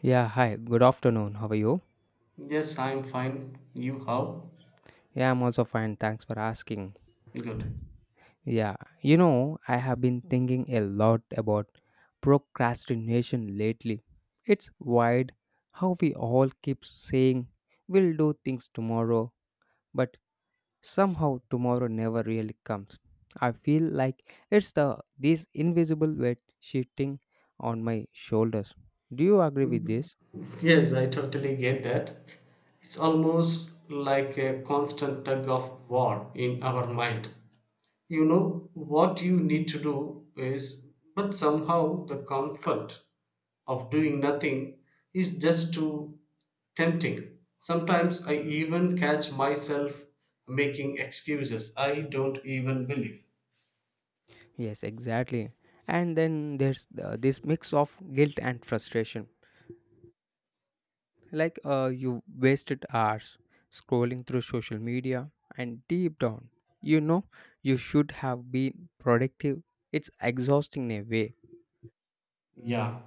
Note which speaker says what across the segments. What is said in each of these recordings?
Speaker 1: Yeah, hi. Good afternoon. How are you?
Speaker 2: Yes, I'm fine. You how?
Speaker 1: Yeah, I'm also fine. Thanks for asking.
Speaker 2: Good.
Speaker 1: I have been thinking a lot about procrastination lately. It's wild how we all keep saying we'll do things tomorrow, but somehow tomorrow never really comes. I feel like it's the this invisible weight shifting on my shoulders. Do you agree with this?
Speaker 2: Yes, I totally get that. It's almost like a constant tug of war in our mind. You know, what you need to do is, but somehow the comfort of doing nothing is just too tempting. Sometimes I even catch myself making excuses I don't even believe.
Speaker 1: Yes, exactly. And then there's this mix of guilt and frustration. Like you wasted hours scrolling through social media, and deep down, you know you should have been productive. It's exhausting in a way.
Speaker 2: Yeah.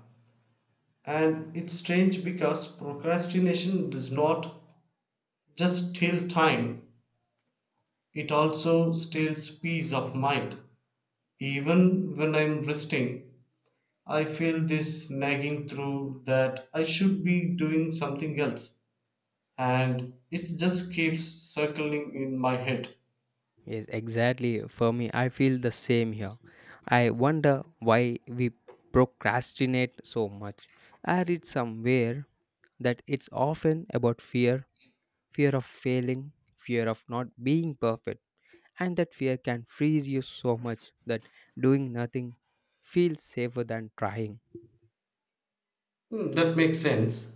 Speaker 2: And it's strange because procrastination does not just steal time, it also steals peace of mind. Even when I'm resting, I feel this nagging through that I should be doing something else, and it just keeps circling in my head.
Speaker 1: Yes, exactly. For me, I feel the same here. I wonder why we procrastinate so much. I read somewhere that it's often about fear of failing, fear of not being perfect. And that fear can freeze you so much that doing nothing feels safer than trying.
Speaker 2: That makes sense.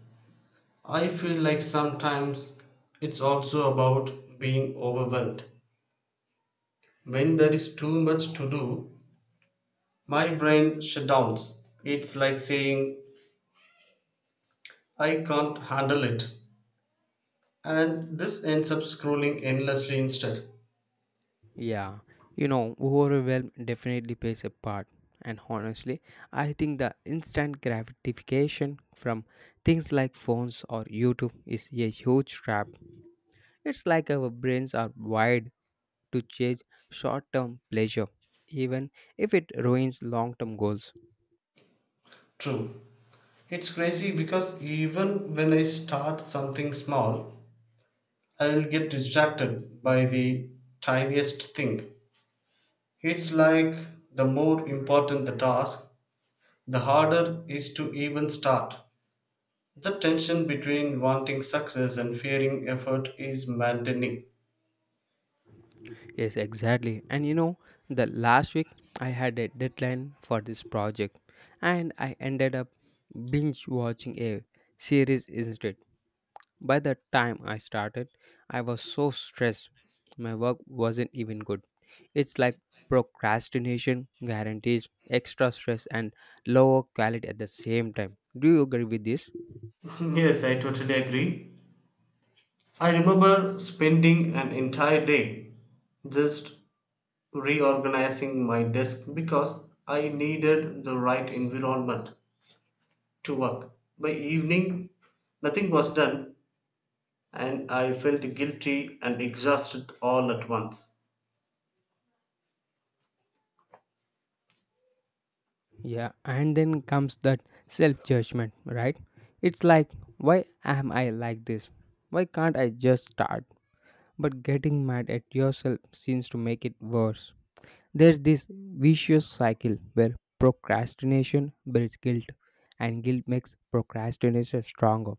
Speaker 2: I feel like sometimes it's also about being overwhelmed. When there is too much to do, my brain shutdowns. It's like saying, I can't handle it. And this ends up scrolling endlessly instead.
Speaker 1: Yeah, overwhelm definitely plays a part. And honestly, I think the instant gratification from things like phones or YouTube is a huge trap. It's like our brains are wired to chase short term pleasure, even if it ruins long term goals.
Speaker 2: True. It's crazy because even when I start something small, I'll get distracted by the tiniest thing. It's like the more important the task, the harder is to even start. The tension between wanting success and fearing effort is maddening.
Speaker 1: Yes, exactly. The last week I had a deadline for this project and I ended up binge watching a series instead. By the time I started, I was so stressed. My work wasn't even good. It's like procrastination guarantees extra stress and lower quality at the same time. Do you agree with this?
Speaker 2: Yes, I totally agree. I remember spending an entire day just reorganizing my desk because I needed the right environment to work. By evening, nothing was done, and I felt guilty and exhausted all at once.
Speaker 1: Yeah, and then comes that self judgment, right? It's like, why am I like this? Why can't I just start? But getting mad at yourself seems to make it worse. There's this vicious cycle where procrastination builds guilt, and guilt makes procrastination stronger.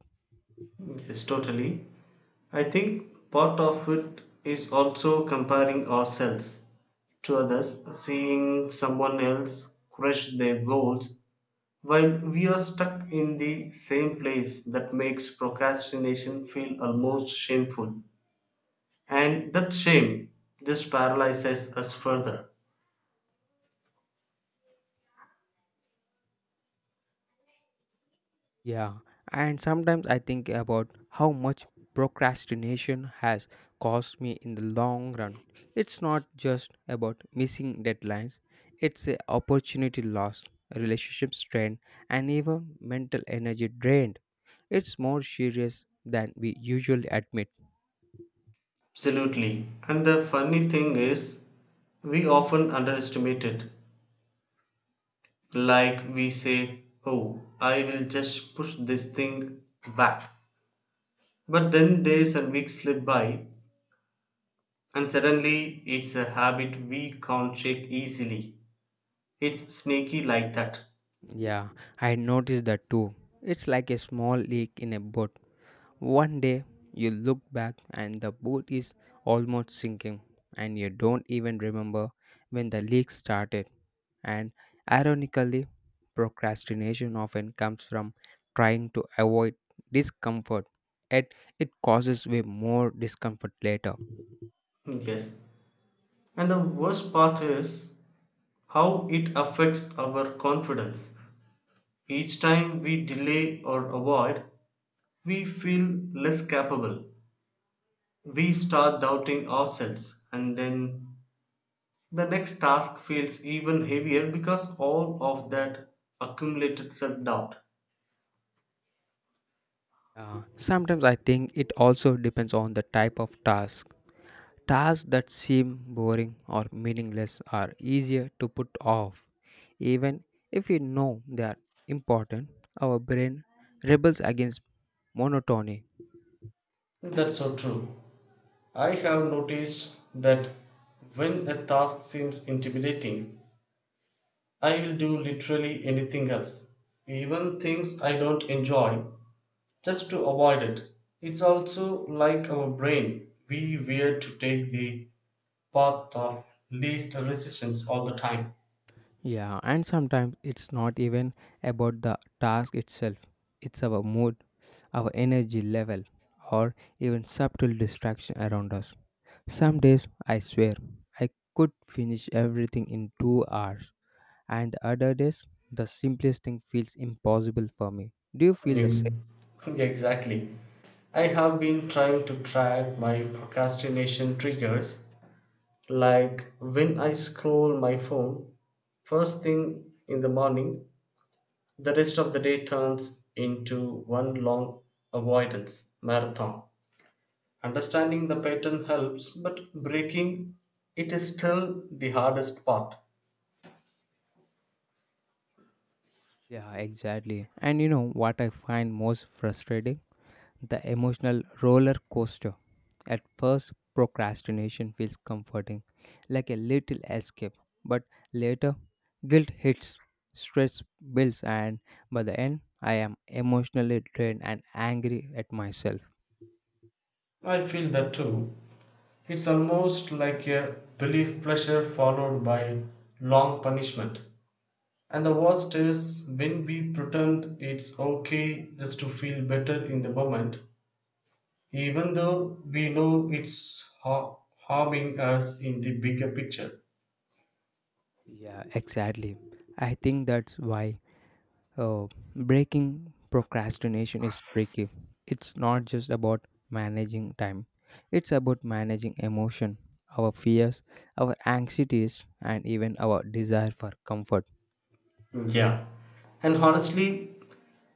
Speaker 2: Yes, totally. I think part of it is also comparing ourselves to others, seeing someone else crush their goals while we are stuck in the same place that makes procrastination feel almost shameful. And that shame just paralyzes us further.
Speaker 1: Yeah, and sometimes I think about how much procrastination has cost me in the long run. It's not just about missing deadlines, it's a opportunity lost, relationship strained, and even mental energy drained. It's more serious than we usually admit.
Speaker 2: Absolutely. And the funny thing is, we often underestimate it. Like we say, oh, I will just push this thing back. But then days and weeks slip by, and suddenly it's a habit we can't shake easily. It's sneaky like that.
Speaker 1: Yeah, I noticed that too. It's like a small leak in a boat. One day you look back and the boat is almost sinking, and you don't even remember when the leak started. And ironically, procrastination often comes from trying to avoid discomfort, yet it causes way more discomfort later.
Speaker 2: Yes, and the worst part is how it affects our confidence. Each time we delay or avoid, we feel less capable. We start doubting ourselves, and then the next task feels even heavier because all of that accumulated self doubt.
Speaker 1: Sometimes I think it also depends on the type of task. Tasks that seem boring or meaningless are easier to put off. Even if we know they are important, our brain rebels against monotony.
Speaker 2: That's so true. I have noticed that when a task seems intimidating, I will do literally anything else, even things I don't enjoy, just to avoid it. It's also like our brain, we were to take the path of least resistance all the time.
Speaker 1: Yeah, and sometimes it's not even about the task itself, it's our mood, our energy level, or even subtle distraction around us. Some days, I swear, I could finish everything in 2 hours, and the other days, the simplest thing feels impossible for me. Do you feel the
Speaker 2: Ex-
Speaker 1: same?
Speaker 2: Exactly. I have been trying to track my procrastination triggers, like when I scroll my phone first thing in the morning, the rest of the day turns into one long avoidance marathon. Understanding the pattern helps, but breaking it is still the hardest part.
Speaker 1: Yeah, exactly. And you know what I find most frustrating? The emotional roller coaster. At first, procrastination feels comforting, like a little escape, but later, guilt hits, stress builds, and by the end, I am emotionally drained and angry at myself.
Speaker 2: I feel that too. It's almost like a belief pleasure followed by long punishment. And the worst is when we pretend it's okay just to feel better in the moment, even though we know harming us in the bigger picture.
Speaker 1: Yeah, exactly. I think that's why Oh, breaking procrastination is tricky. It's not just about managing time, it's about managing emotion, our fears, our anxieties, and even our desire for comfort.
Speaker 2: Yeah. And honestly,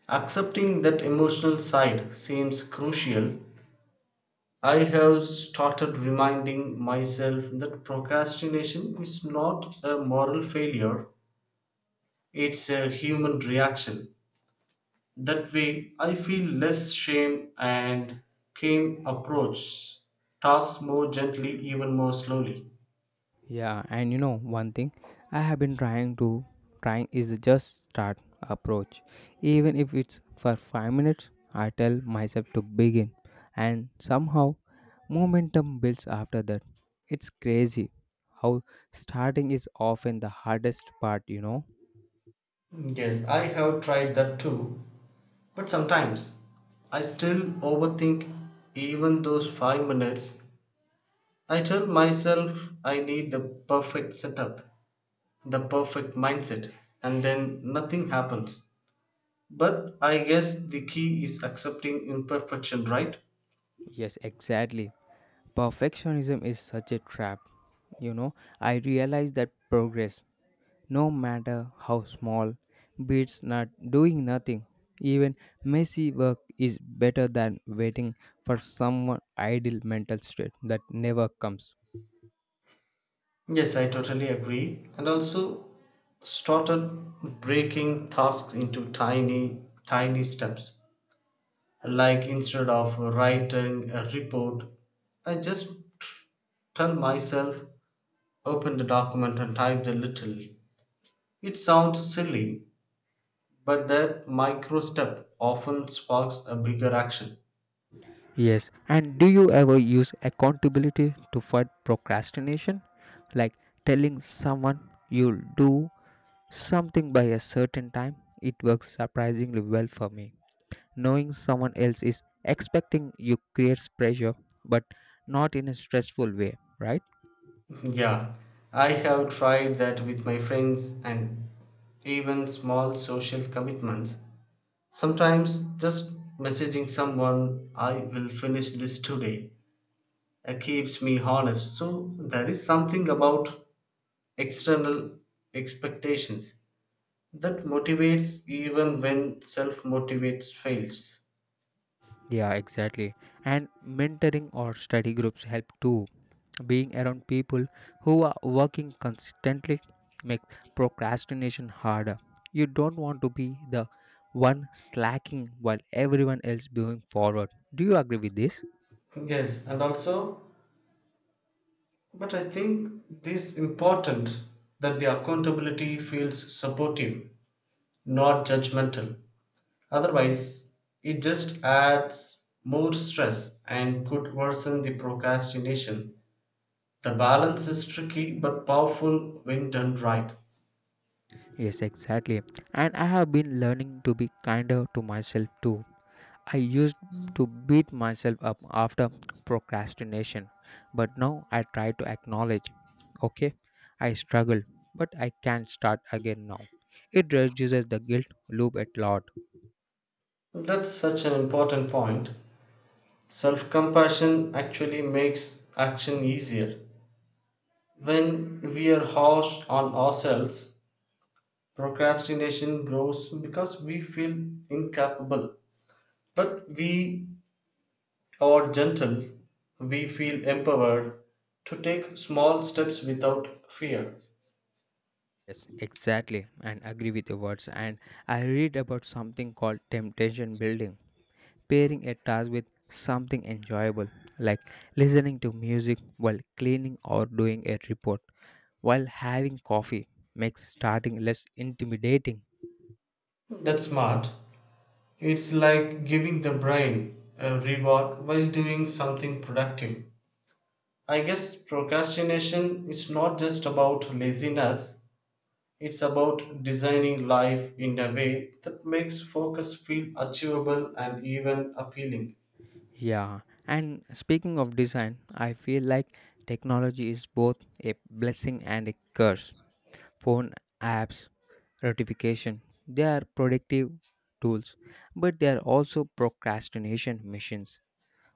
Speaker 2: accepting that emotional side seems crucial. I have started reminding myself that procrastination is not a moral failure, it's a human reaction. That way, I feel less shame and can approach tasks more gently, even more slowly.
Speaker 1: Yeah, and you know one thing I have been trying is the just start approach. Even if it's for 5 minutes, I tell myself to begin and somehow momentum builds after that. It's crazy how starting is often the hardest part, you know.
Speaker 2: Yes, I have tried that too, but sometimes I still overthink even those 5 minutes. I tell myself I need the perfect setup, the perfect mindset, and then nothing happens. But I guess the key is accepting imperfection, right?
Speaker 1: Yes, exactly. Perfectionism is such a trap. You know, I realize that progress no matter how small, beats not doing nothing. Even messy work is better than waiting for someone ideal mental state that never comes.
Speaker 2: Yes, I totally agree. And also started breaking tasks into tiny, tiny steps. Like instead of writing a report, I just tell myself, open the document and type a little. It sounds silly, but that micro step often sparks a bigger action.
Speaker 1: Yes, and do you ever use accountability to fight procrastination? Like telling someone you'll do something by a certain time, it works surprisingly well for me. Knowing someone else is expecting you creates pressure, but not in a stressful way, right?
Speaker 2: Yeah, I have tried that with my friends and even small social commitments. Sometimes just messaging someone, I will finish this today, keeps me honest. So there is something about external expectations that motivates even when self motivates fails.
Speaker 1: Yeah, exactly. And mentoring or study groups help too. Being around people who are working consistently makes procrastination harder. You don't want to be the one slacking while everyone else moving forward. Do you agree with this?
Speaker 2: Yes, and also, but I think this important that the accountability feels supportive, not judgmental. Otherwise, it just adds more stress and could worsen the procrastination. The balance is tricky but powerful when done right.
Speaker 1: Yes, exactly. And I have been learning to be kinder to myself too. I used to beat myself up after procrastination, but now I try to acknowledge, okay, I struggle, but I can start again now. It reduces the guilt loop a lot.
Speaker 2: That's such an important point. Self compassion actually makes action easier. When we are harsh on ourselves, procrastination grows because we feel incapable. But we or gentle, we feel empowered to take small steps without fear.
Speaker 1: Yes, exactly, and agree with your words. And I read about something called temptation building, pairing a task with something enjoyable, like listening to music while cleaning or doing a report, while having coffee makes starting less intimidating.
Speaker 2: That's smart. It's like giving the brain a reward while doing something productive. I guess procrastination is not just about laziness, it's about designing life in a way that makes focus feel achievable and even appealing.
Speaker 1: Yeah, and speaking of design, I feel like technology is both a blessing and a curse. Phone apps, notification, they are productive tools, but they are also procrastination machines.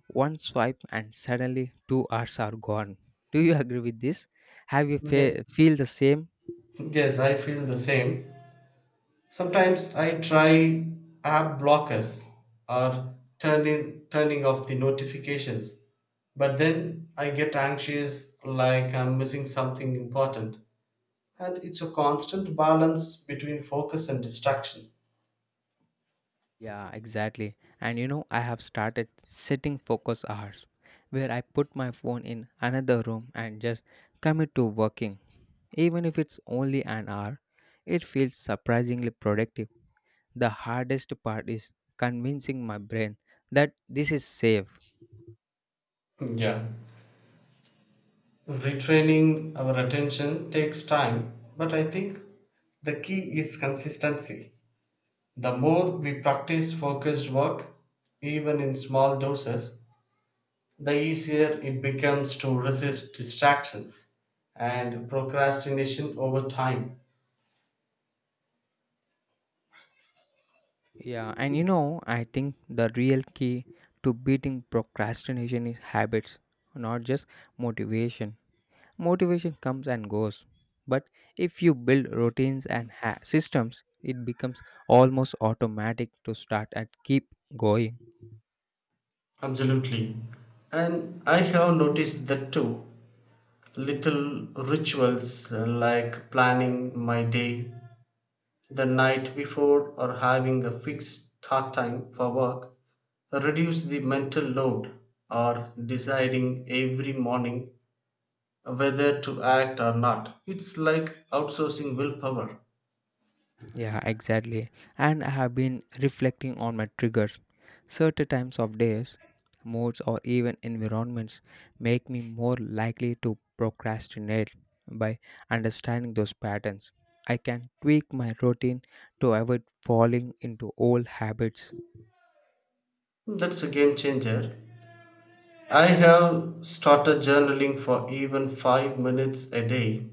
Speaker 1: One swipe and suddenly 2 hours are gone. Do you agree with this? Have you
Speaker 2: Ye-
Speaker 1: feel the same?
Speaker 2: Yes, I feel the same. Sometimes I try app blockers or turning off the notifications, but then I get anxious like I'm missing something important. And it's a constant balance between focus and distraction.
Speaker 1: Yeah, exactly. And you know, I have started sitting focus hours where I put my phone in another room and just commit to working. Even if it's only an hour, it feels surprisingly productive. The hardest part is convincing my brain that this is safe.
Speaker 2: Yeah. Retraining our attention takes time, but I think the key is consistency. The more we practice focused work, even in small doses, the easier it becomes to resist distractions and procrastination over time.
Speaker 1: Yeah, and you know, I think the real key to beating procrastination is habits, not just motivation. Motivation comes and goes, but if you build routines and systems, it becomes almost automatic to start and keep going.
Speaker 2: Absolutely. And I have noticed that too. Little rituals like planning my day the night before or having a fixed start time for work reduce the mental load or deciding every morning whether to act or not. It's like outsourcing willpower.
Speaker 1: Yeah, exactly. And I have been reflecting on my triggers. Certain times of days, moods, or even environments make me more likely to procrastinate. By understanding those patterns, I can tweak my routine to avoid falling into old habits.
Speaker 2: That's a game changer. I have started journaling for even 5 minutes a day.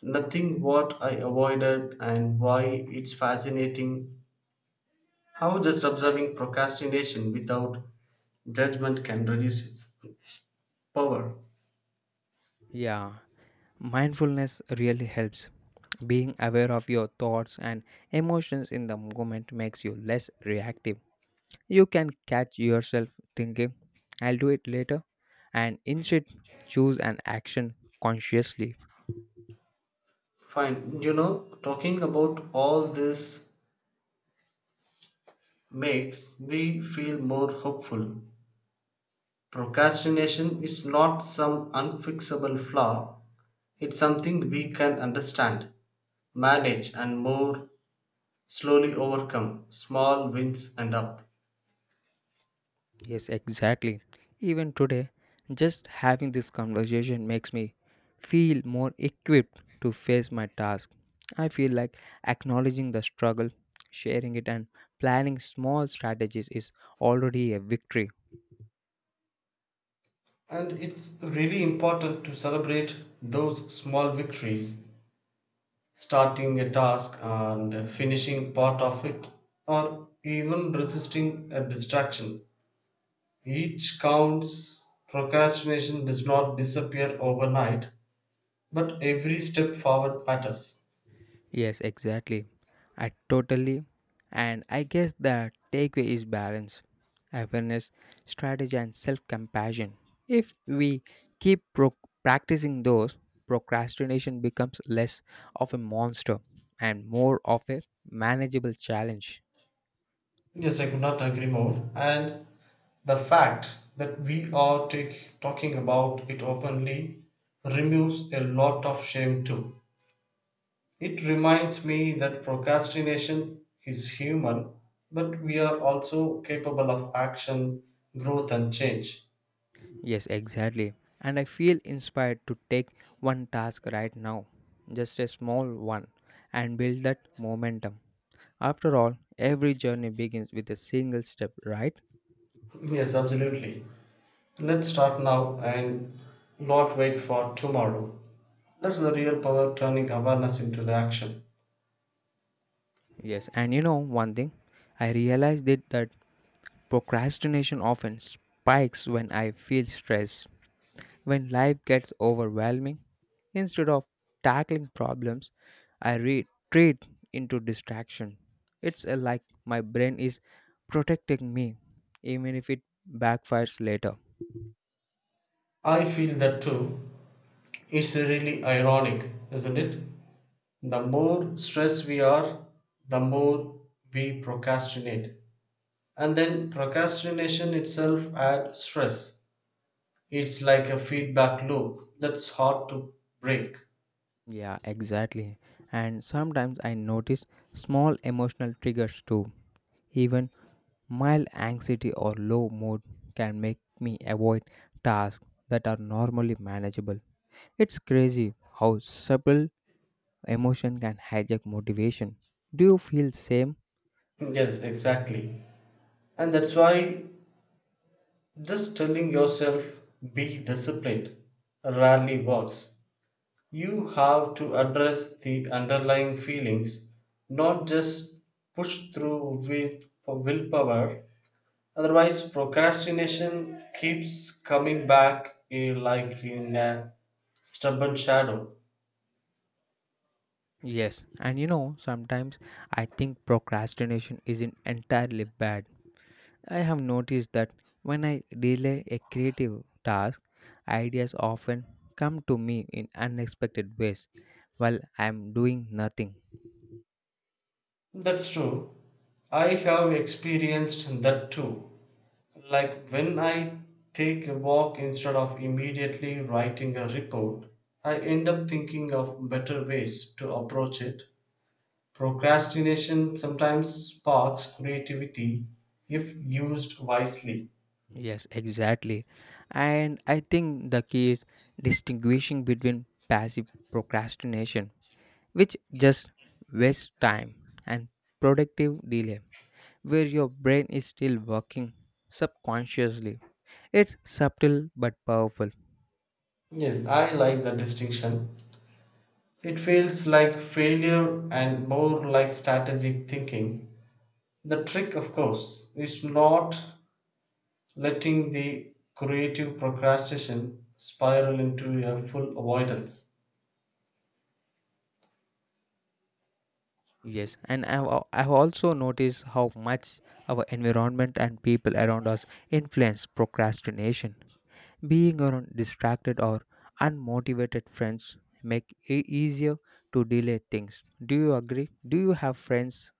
Speaker 2: Nothing what I avoided and why it's fascinating how just observing procrastination without judgment can reduce its power.
Speaker 1: Yeah, mindfulness really helps. Being aware of your thoughts and emotions in the moment makes you less reactive. You can catch yourself thinking, I'll do it later, and instead choose an action consciously.
Speaker 2: Fine, you know, talking about all this makes me feel more hopeful. Procrastination is not some unfixable flaw, it's something we can understand, manage, and more slowly overcome small wins and up.
Speaker 1: Yes, exactly. Even today, just having this conversation makes me feel more equipped to face my task. I feel like acknowledging the struggle, sharing it, and planning small strategies is already a victory.
Speaker 2: And it's really important to celebrate those small victories, starting a task and finishing part of it, or even resisting a distraction. Each counts, procrastination does not disappear overnight, but every step forward matters.
Speaker 1: Yes, exactly. I totally, and I guess the takeaway is balance, awareness, strategy, and self compassion. If we keep practicing those, procrastination becomes less of a monster and more of a manageable challenge.
Speaker 2: Yes, I could not agree more. And the fact that talking about it openly removes a lot of shame too. It reminds me that procrastination is human, but we are also capable of action, growth, and change.
Speaker 1: Yes, exactly. And I feel inspired to take one task right now, just a small one, and build that momentum. After all, every journey begins with a single step, right?
Speaker 2: Yes, absolutely. Let's start now and not wait for tomorrow. That's the real power turning awareness into the action.
Speaker 1: Yes, and you know one thing, I realized that procrastination often spikes when I feel stressed, when life gets overwhelming. Instead of tackling problems, I retreat into distraction. It's like my brain is protecting me, even if it backfires later.
Speaker 2: I feel that too. It's really ironic, isn't it? The more stressed we are, the more we procrastinate. And then procrastination itself adds stress. It's like a feedback loop that's hard to break.
Speaker 1: Yeah, exactly. And sometimes I notice small emotional triggers too, even mild anxiety or low mood can make me avoid tasks that are normally manageable. It's crazy how subtle emotion can hijack motivation. Do you feel same?
Speaker 2: Yes, exactly. And that's why just telling yourself be disciplined rarely works. You have to address the underlying feelings, not just push through with willpower. Otherwise, procrastination keeps coming back like in a stubborn shadow.
Speaker 1: Yes, and you know, sometimes I think procrastination isn't entirely bad. I have noticed that when I delay a creative task, ideas often come to me in unexpected ways while I am doing nothing.
Speaker 2: That's true. I have experienced that too. Like when I take a walk instead of immediately writing a report, I end up thinking of better ways to approach it. Procrastination sometimes sparks creativity if used wisely.
Speaker 1: Yes, exactly. And I think the key is distinguishing between passive procrastination, which just wastes time, and productive delay, where your brain is still working subconsciously. It's subtle but powerful.
Speaker 2: Yes, I like the distinction. It feels like failure and more like strategic thinking. The trick, of course, is not letting the creative procrastination spiral into a full avoidance.
Speaker 1: Yes, and I've also noticed how much our environment and people around us influence procrastination. Being around distracted or unmotivated friends make it easier to delay things. Do you agree? Do you have friends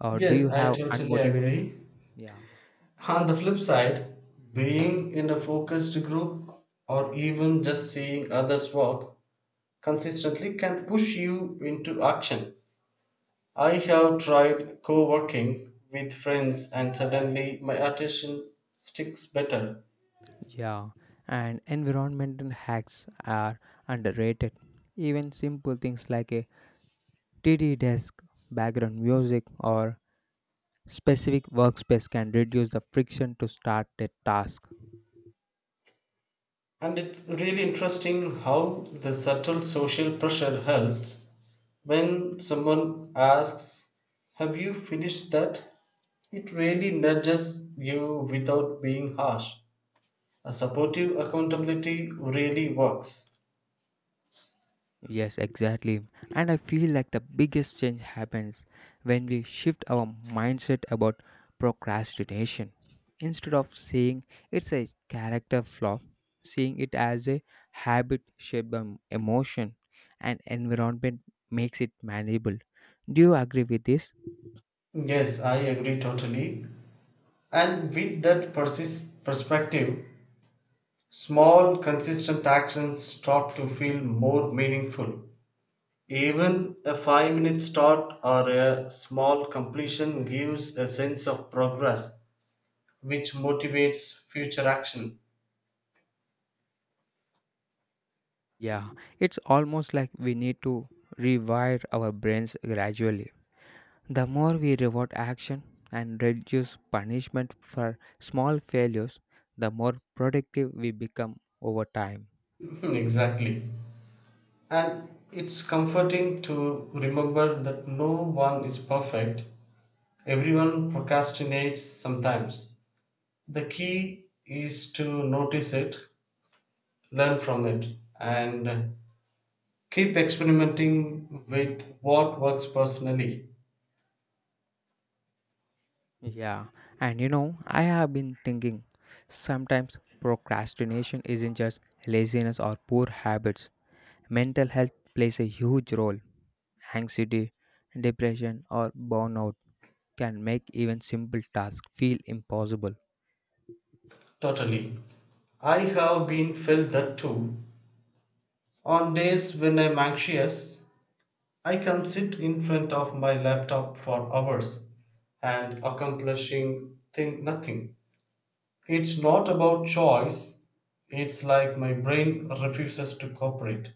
Speaker 1: or do you
Speaker 2: Yes, I
Speaker 1: have
Speaker 2: totally
Speaker 1: unmotivated?
Speaker 2: agree.
Speaker 1: Yeah,
Speaker 2: On the flip side, being in a focused group or even just seeing others work consistently can push you into action. I have tried co working with friends, and suddenly my attention sticks better.
Speaker 1: yeah. And environmental hacks are underrated. Even simple things like a TD desk, background music, or specific workspace can reduce the friction to start a task.
Speaker 2: And it's really interesting how the subtle social pressure helps. When someone asks, have you finished that? It really nudges you without being harsh. A supportive accountability really works.
Speaker 1: Yes, exactly. And I feel like the biggest change happens when we shift our mindset about procrastination. Instead of seeing it's a character flaw, seeing it as a habit shaped by emotion and environment makes it manageable. Do you agree with this?
Speaker 2: Yes, I agree totally. And with that perspective, small, consistent actions start to feel more meaningful. Even a 5 minute start or a small completion gives a sense of progress, which motivates future action.
Speaker 1: Yeah, it's almost like we need to rewire our brains gradually. The more we reward action and reduce punishment for small failures, the more productive we become over time.
Speaker 2: Exactly. And it's comforting to remember that no one is perfect. Everyone procrastinates sometimes. The key is to notice it, learn from it, and keep experimenting with what works personally.
Speaker 1: Yeah, and you know, I have been thinking sometimes procrastination isn't just laziness or poor habits. Mental health plays a huge role. Anxiety, depression, or burnout can make even simple tasks feel impossible.
Speaker 2: Totally. I have been felt that too. On days when I'm anxious, I can sit in front of my laptop for hours and accomplishing thing nothing. It's not about choice, it's like my brain refuses to cooperate.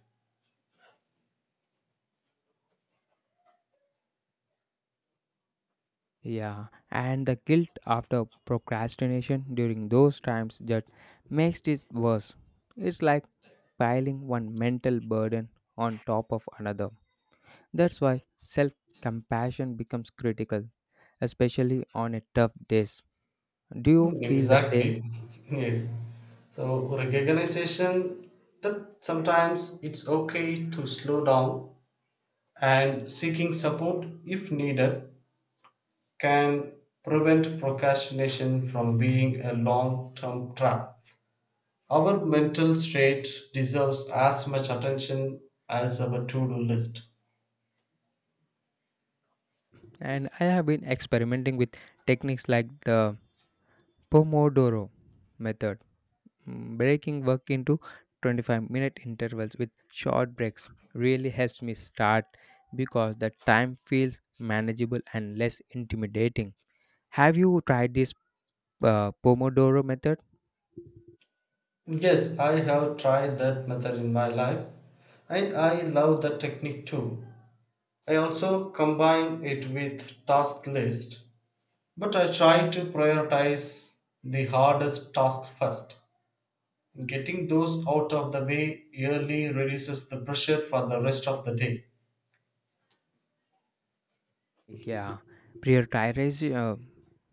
Speaker 1: Yeah, and the guilt after procrastination during those times just makes it worse. It's like piling one mental burden on top of another. That's why self compassion becomes critical, especially on a tough days. Do you feel the same?
Speaker 2: Exactly. Yes, so recognition that sometimes it's okay to slow down and seeking support if needed can prevent procrastination from being a long term trap. Our mental state deserves as much attention as our to do list.
Speaker 1: And I have been experimenting with techniques like the Pomodoro method. Breaking work into 25-minute intervals with short breaks really helps me start because the time feels manageable and less intimidating. Have you tried this Pomodoro method?
Speaker 2: Yes, I have tried that method in my life and I love that technique too. I also combine it with task list, but I try to prioritize the hardest task first. Getting those out of the way early reduces the pressure for the rest of the day.
Speaker 1: Yeah, prioritization, uh,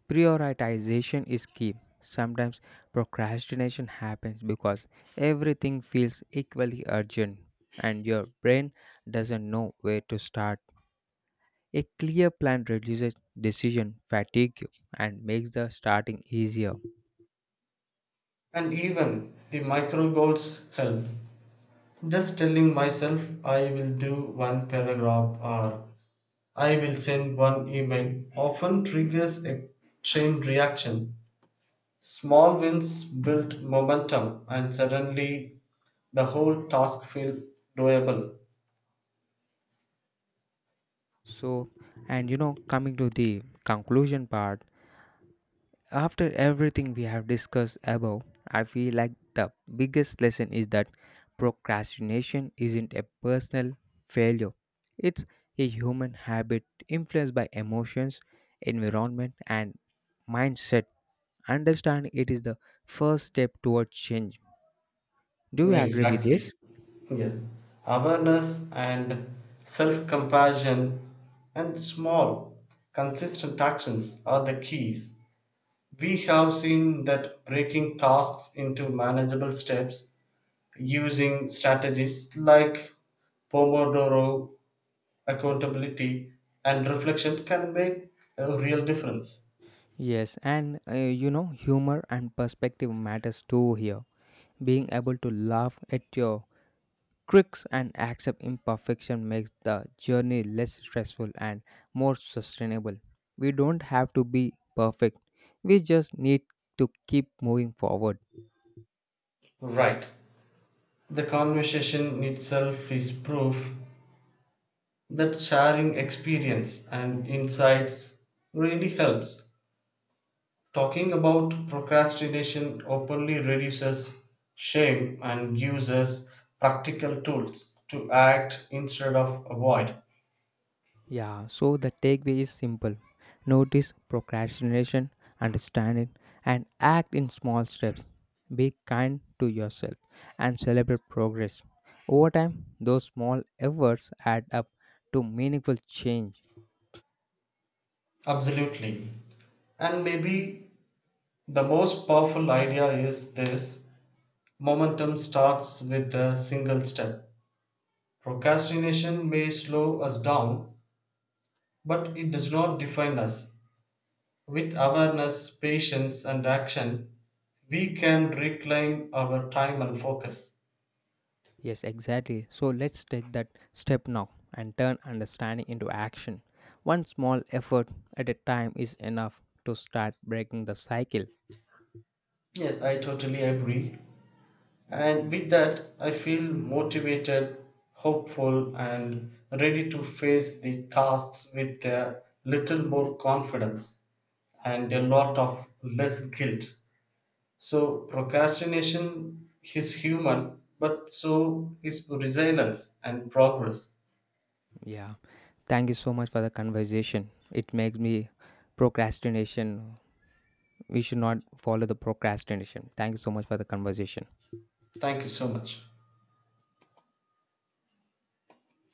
Speaker 1: prioritization is key. Sometimes procrastination happens because everything feels equally urgent and your brain doesn't know where to start. A clear plan reduces decision fatigue and makes the starting easier.
Speaker 2: And even the micro goals help. Just telling myself I will do one paragraph or I will send one email often triggers a chain reaction. Small wins build momentum and suddenly the whole task feels doable.
Speaker 1: So, and you know, coming to the conclusion part, after everything we have discussed above, I feel like the biggest lesson is that procrastination isn't a personal failure. It's a human habit influenced by emotions, environment, and mindset. Understanding it is the first step toward change. Do you agree with
Speaker 2: Exactly.
Speaker 1: this?
Speaker 2: Yes. Awareness and self compassion and small, consistent actions are the keys. We have seen that breaking tasks into manageable steps using strategies like Pomodoro, accountability, and reflection can make a real difference.
Speaker 1: Yes, and humor and perspective matters too here. Being able to laugh at your crooks and accept imperfection makes the journey less stressful and more sustainable. We don't have to be perfect. We just need to keep moving forward.
Speaker 2: Right. The conversation itself is proof that sharing experience and insights really helps. Talking about procrastination openly reduces shame and gives us practical tools to act instead of avoid.
Speaker 1: Yeah, so the takeaway is simple. Notice procrastination, understand it, and act in small steps. Be kind to yourself and celebrate progress. Over time, those small efforts add up to meaningful change.
Speaker 2: Absolutely. And maybe the most powerful idea is this momentum starts with a single step. Procrastination may slow us down, but it does not define us. With awareness, patience, and action, we can reclaim our time and focus.
Speaker 1: Yes, exactly. So let's take that step now and turn understanding into action. One small effort at a time is enough to start breaking the cycle.
Speaker 2: Yes, I totally agree. And with that, I feel motivated, hopeful, and ready to face the tasks with a little more confidence and a lot of less guilt. So, procrastination is human, but so is resilience and progress.
Speaker 1: Yeah. Thank you so much for the conversation. It makes me procrastination. We should not follow the procrastination. Thank you so much for the conversation.
Speaker 2: Thank you so much.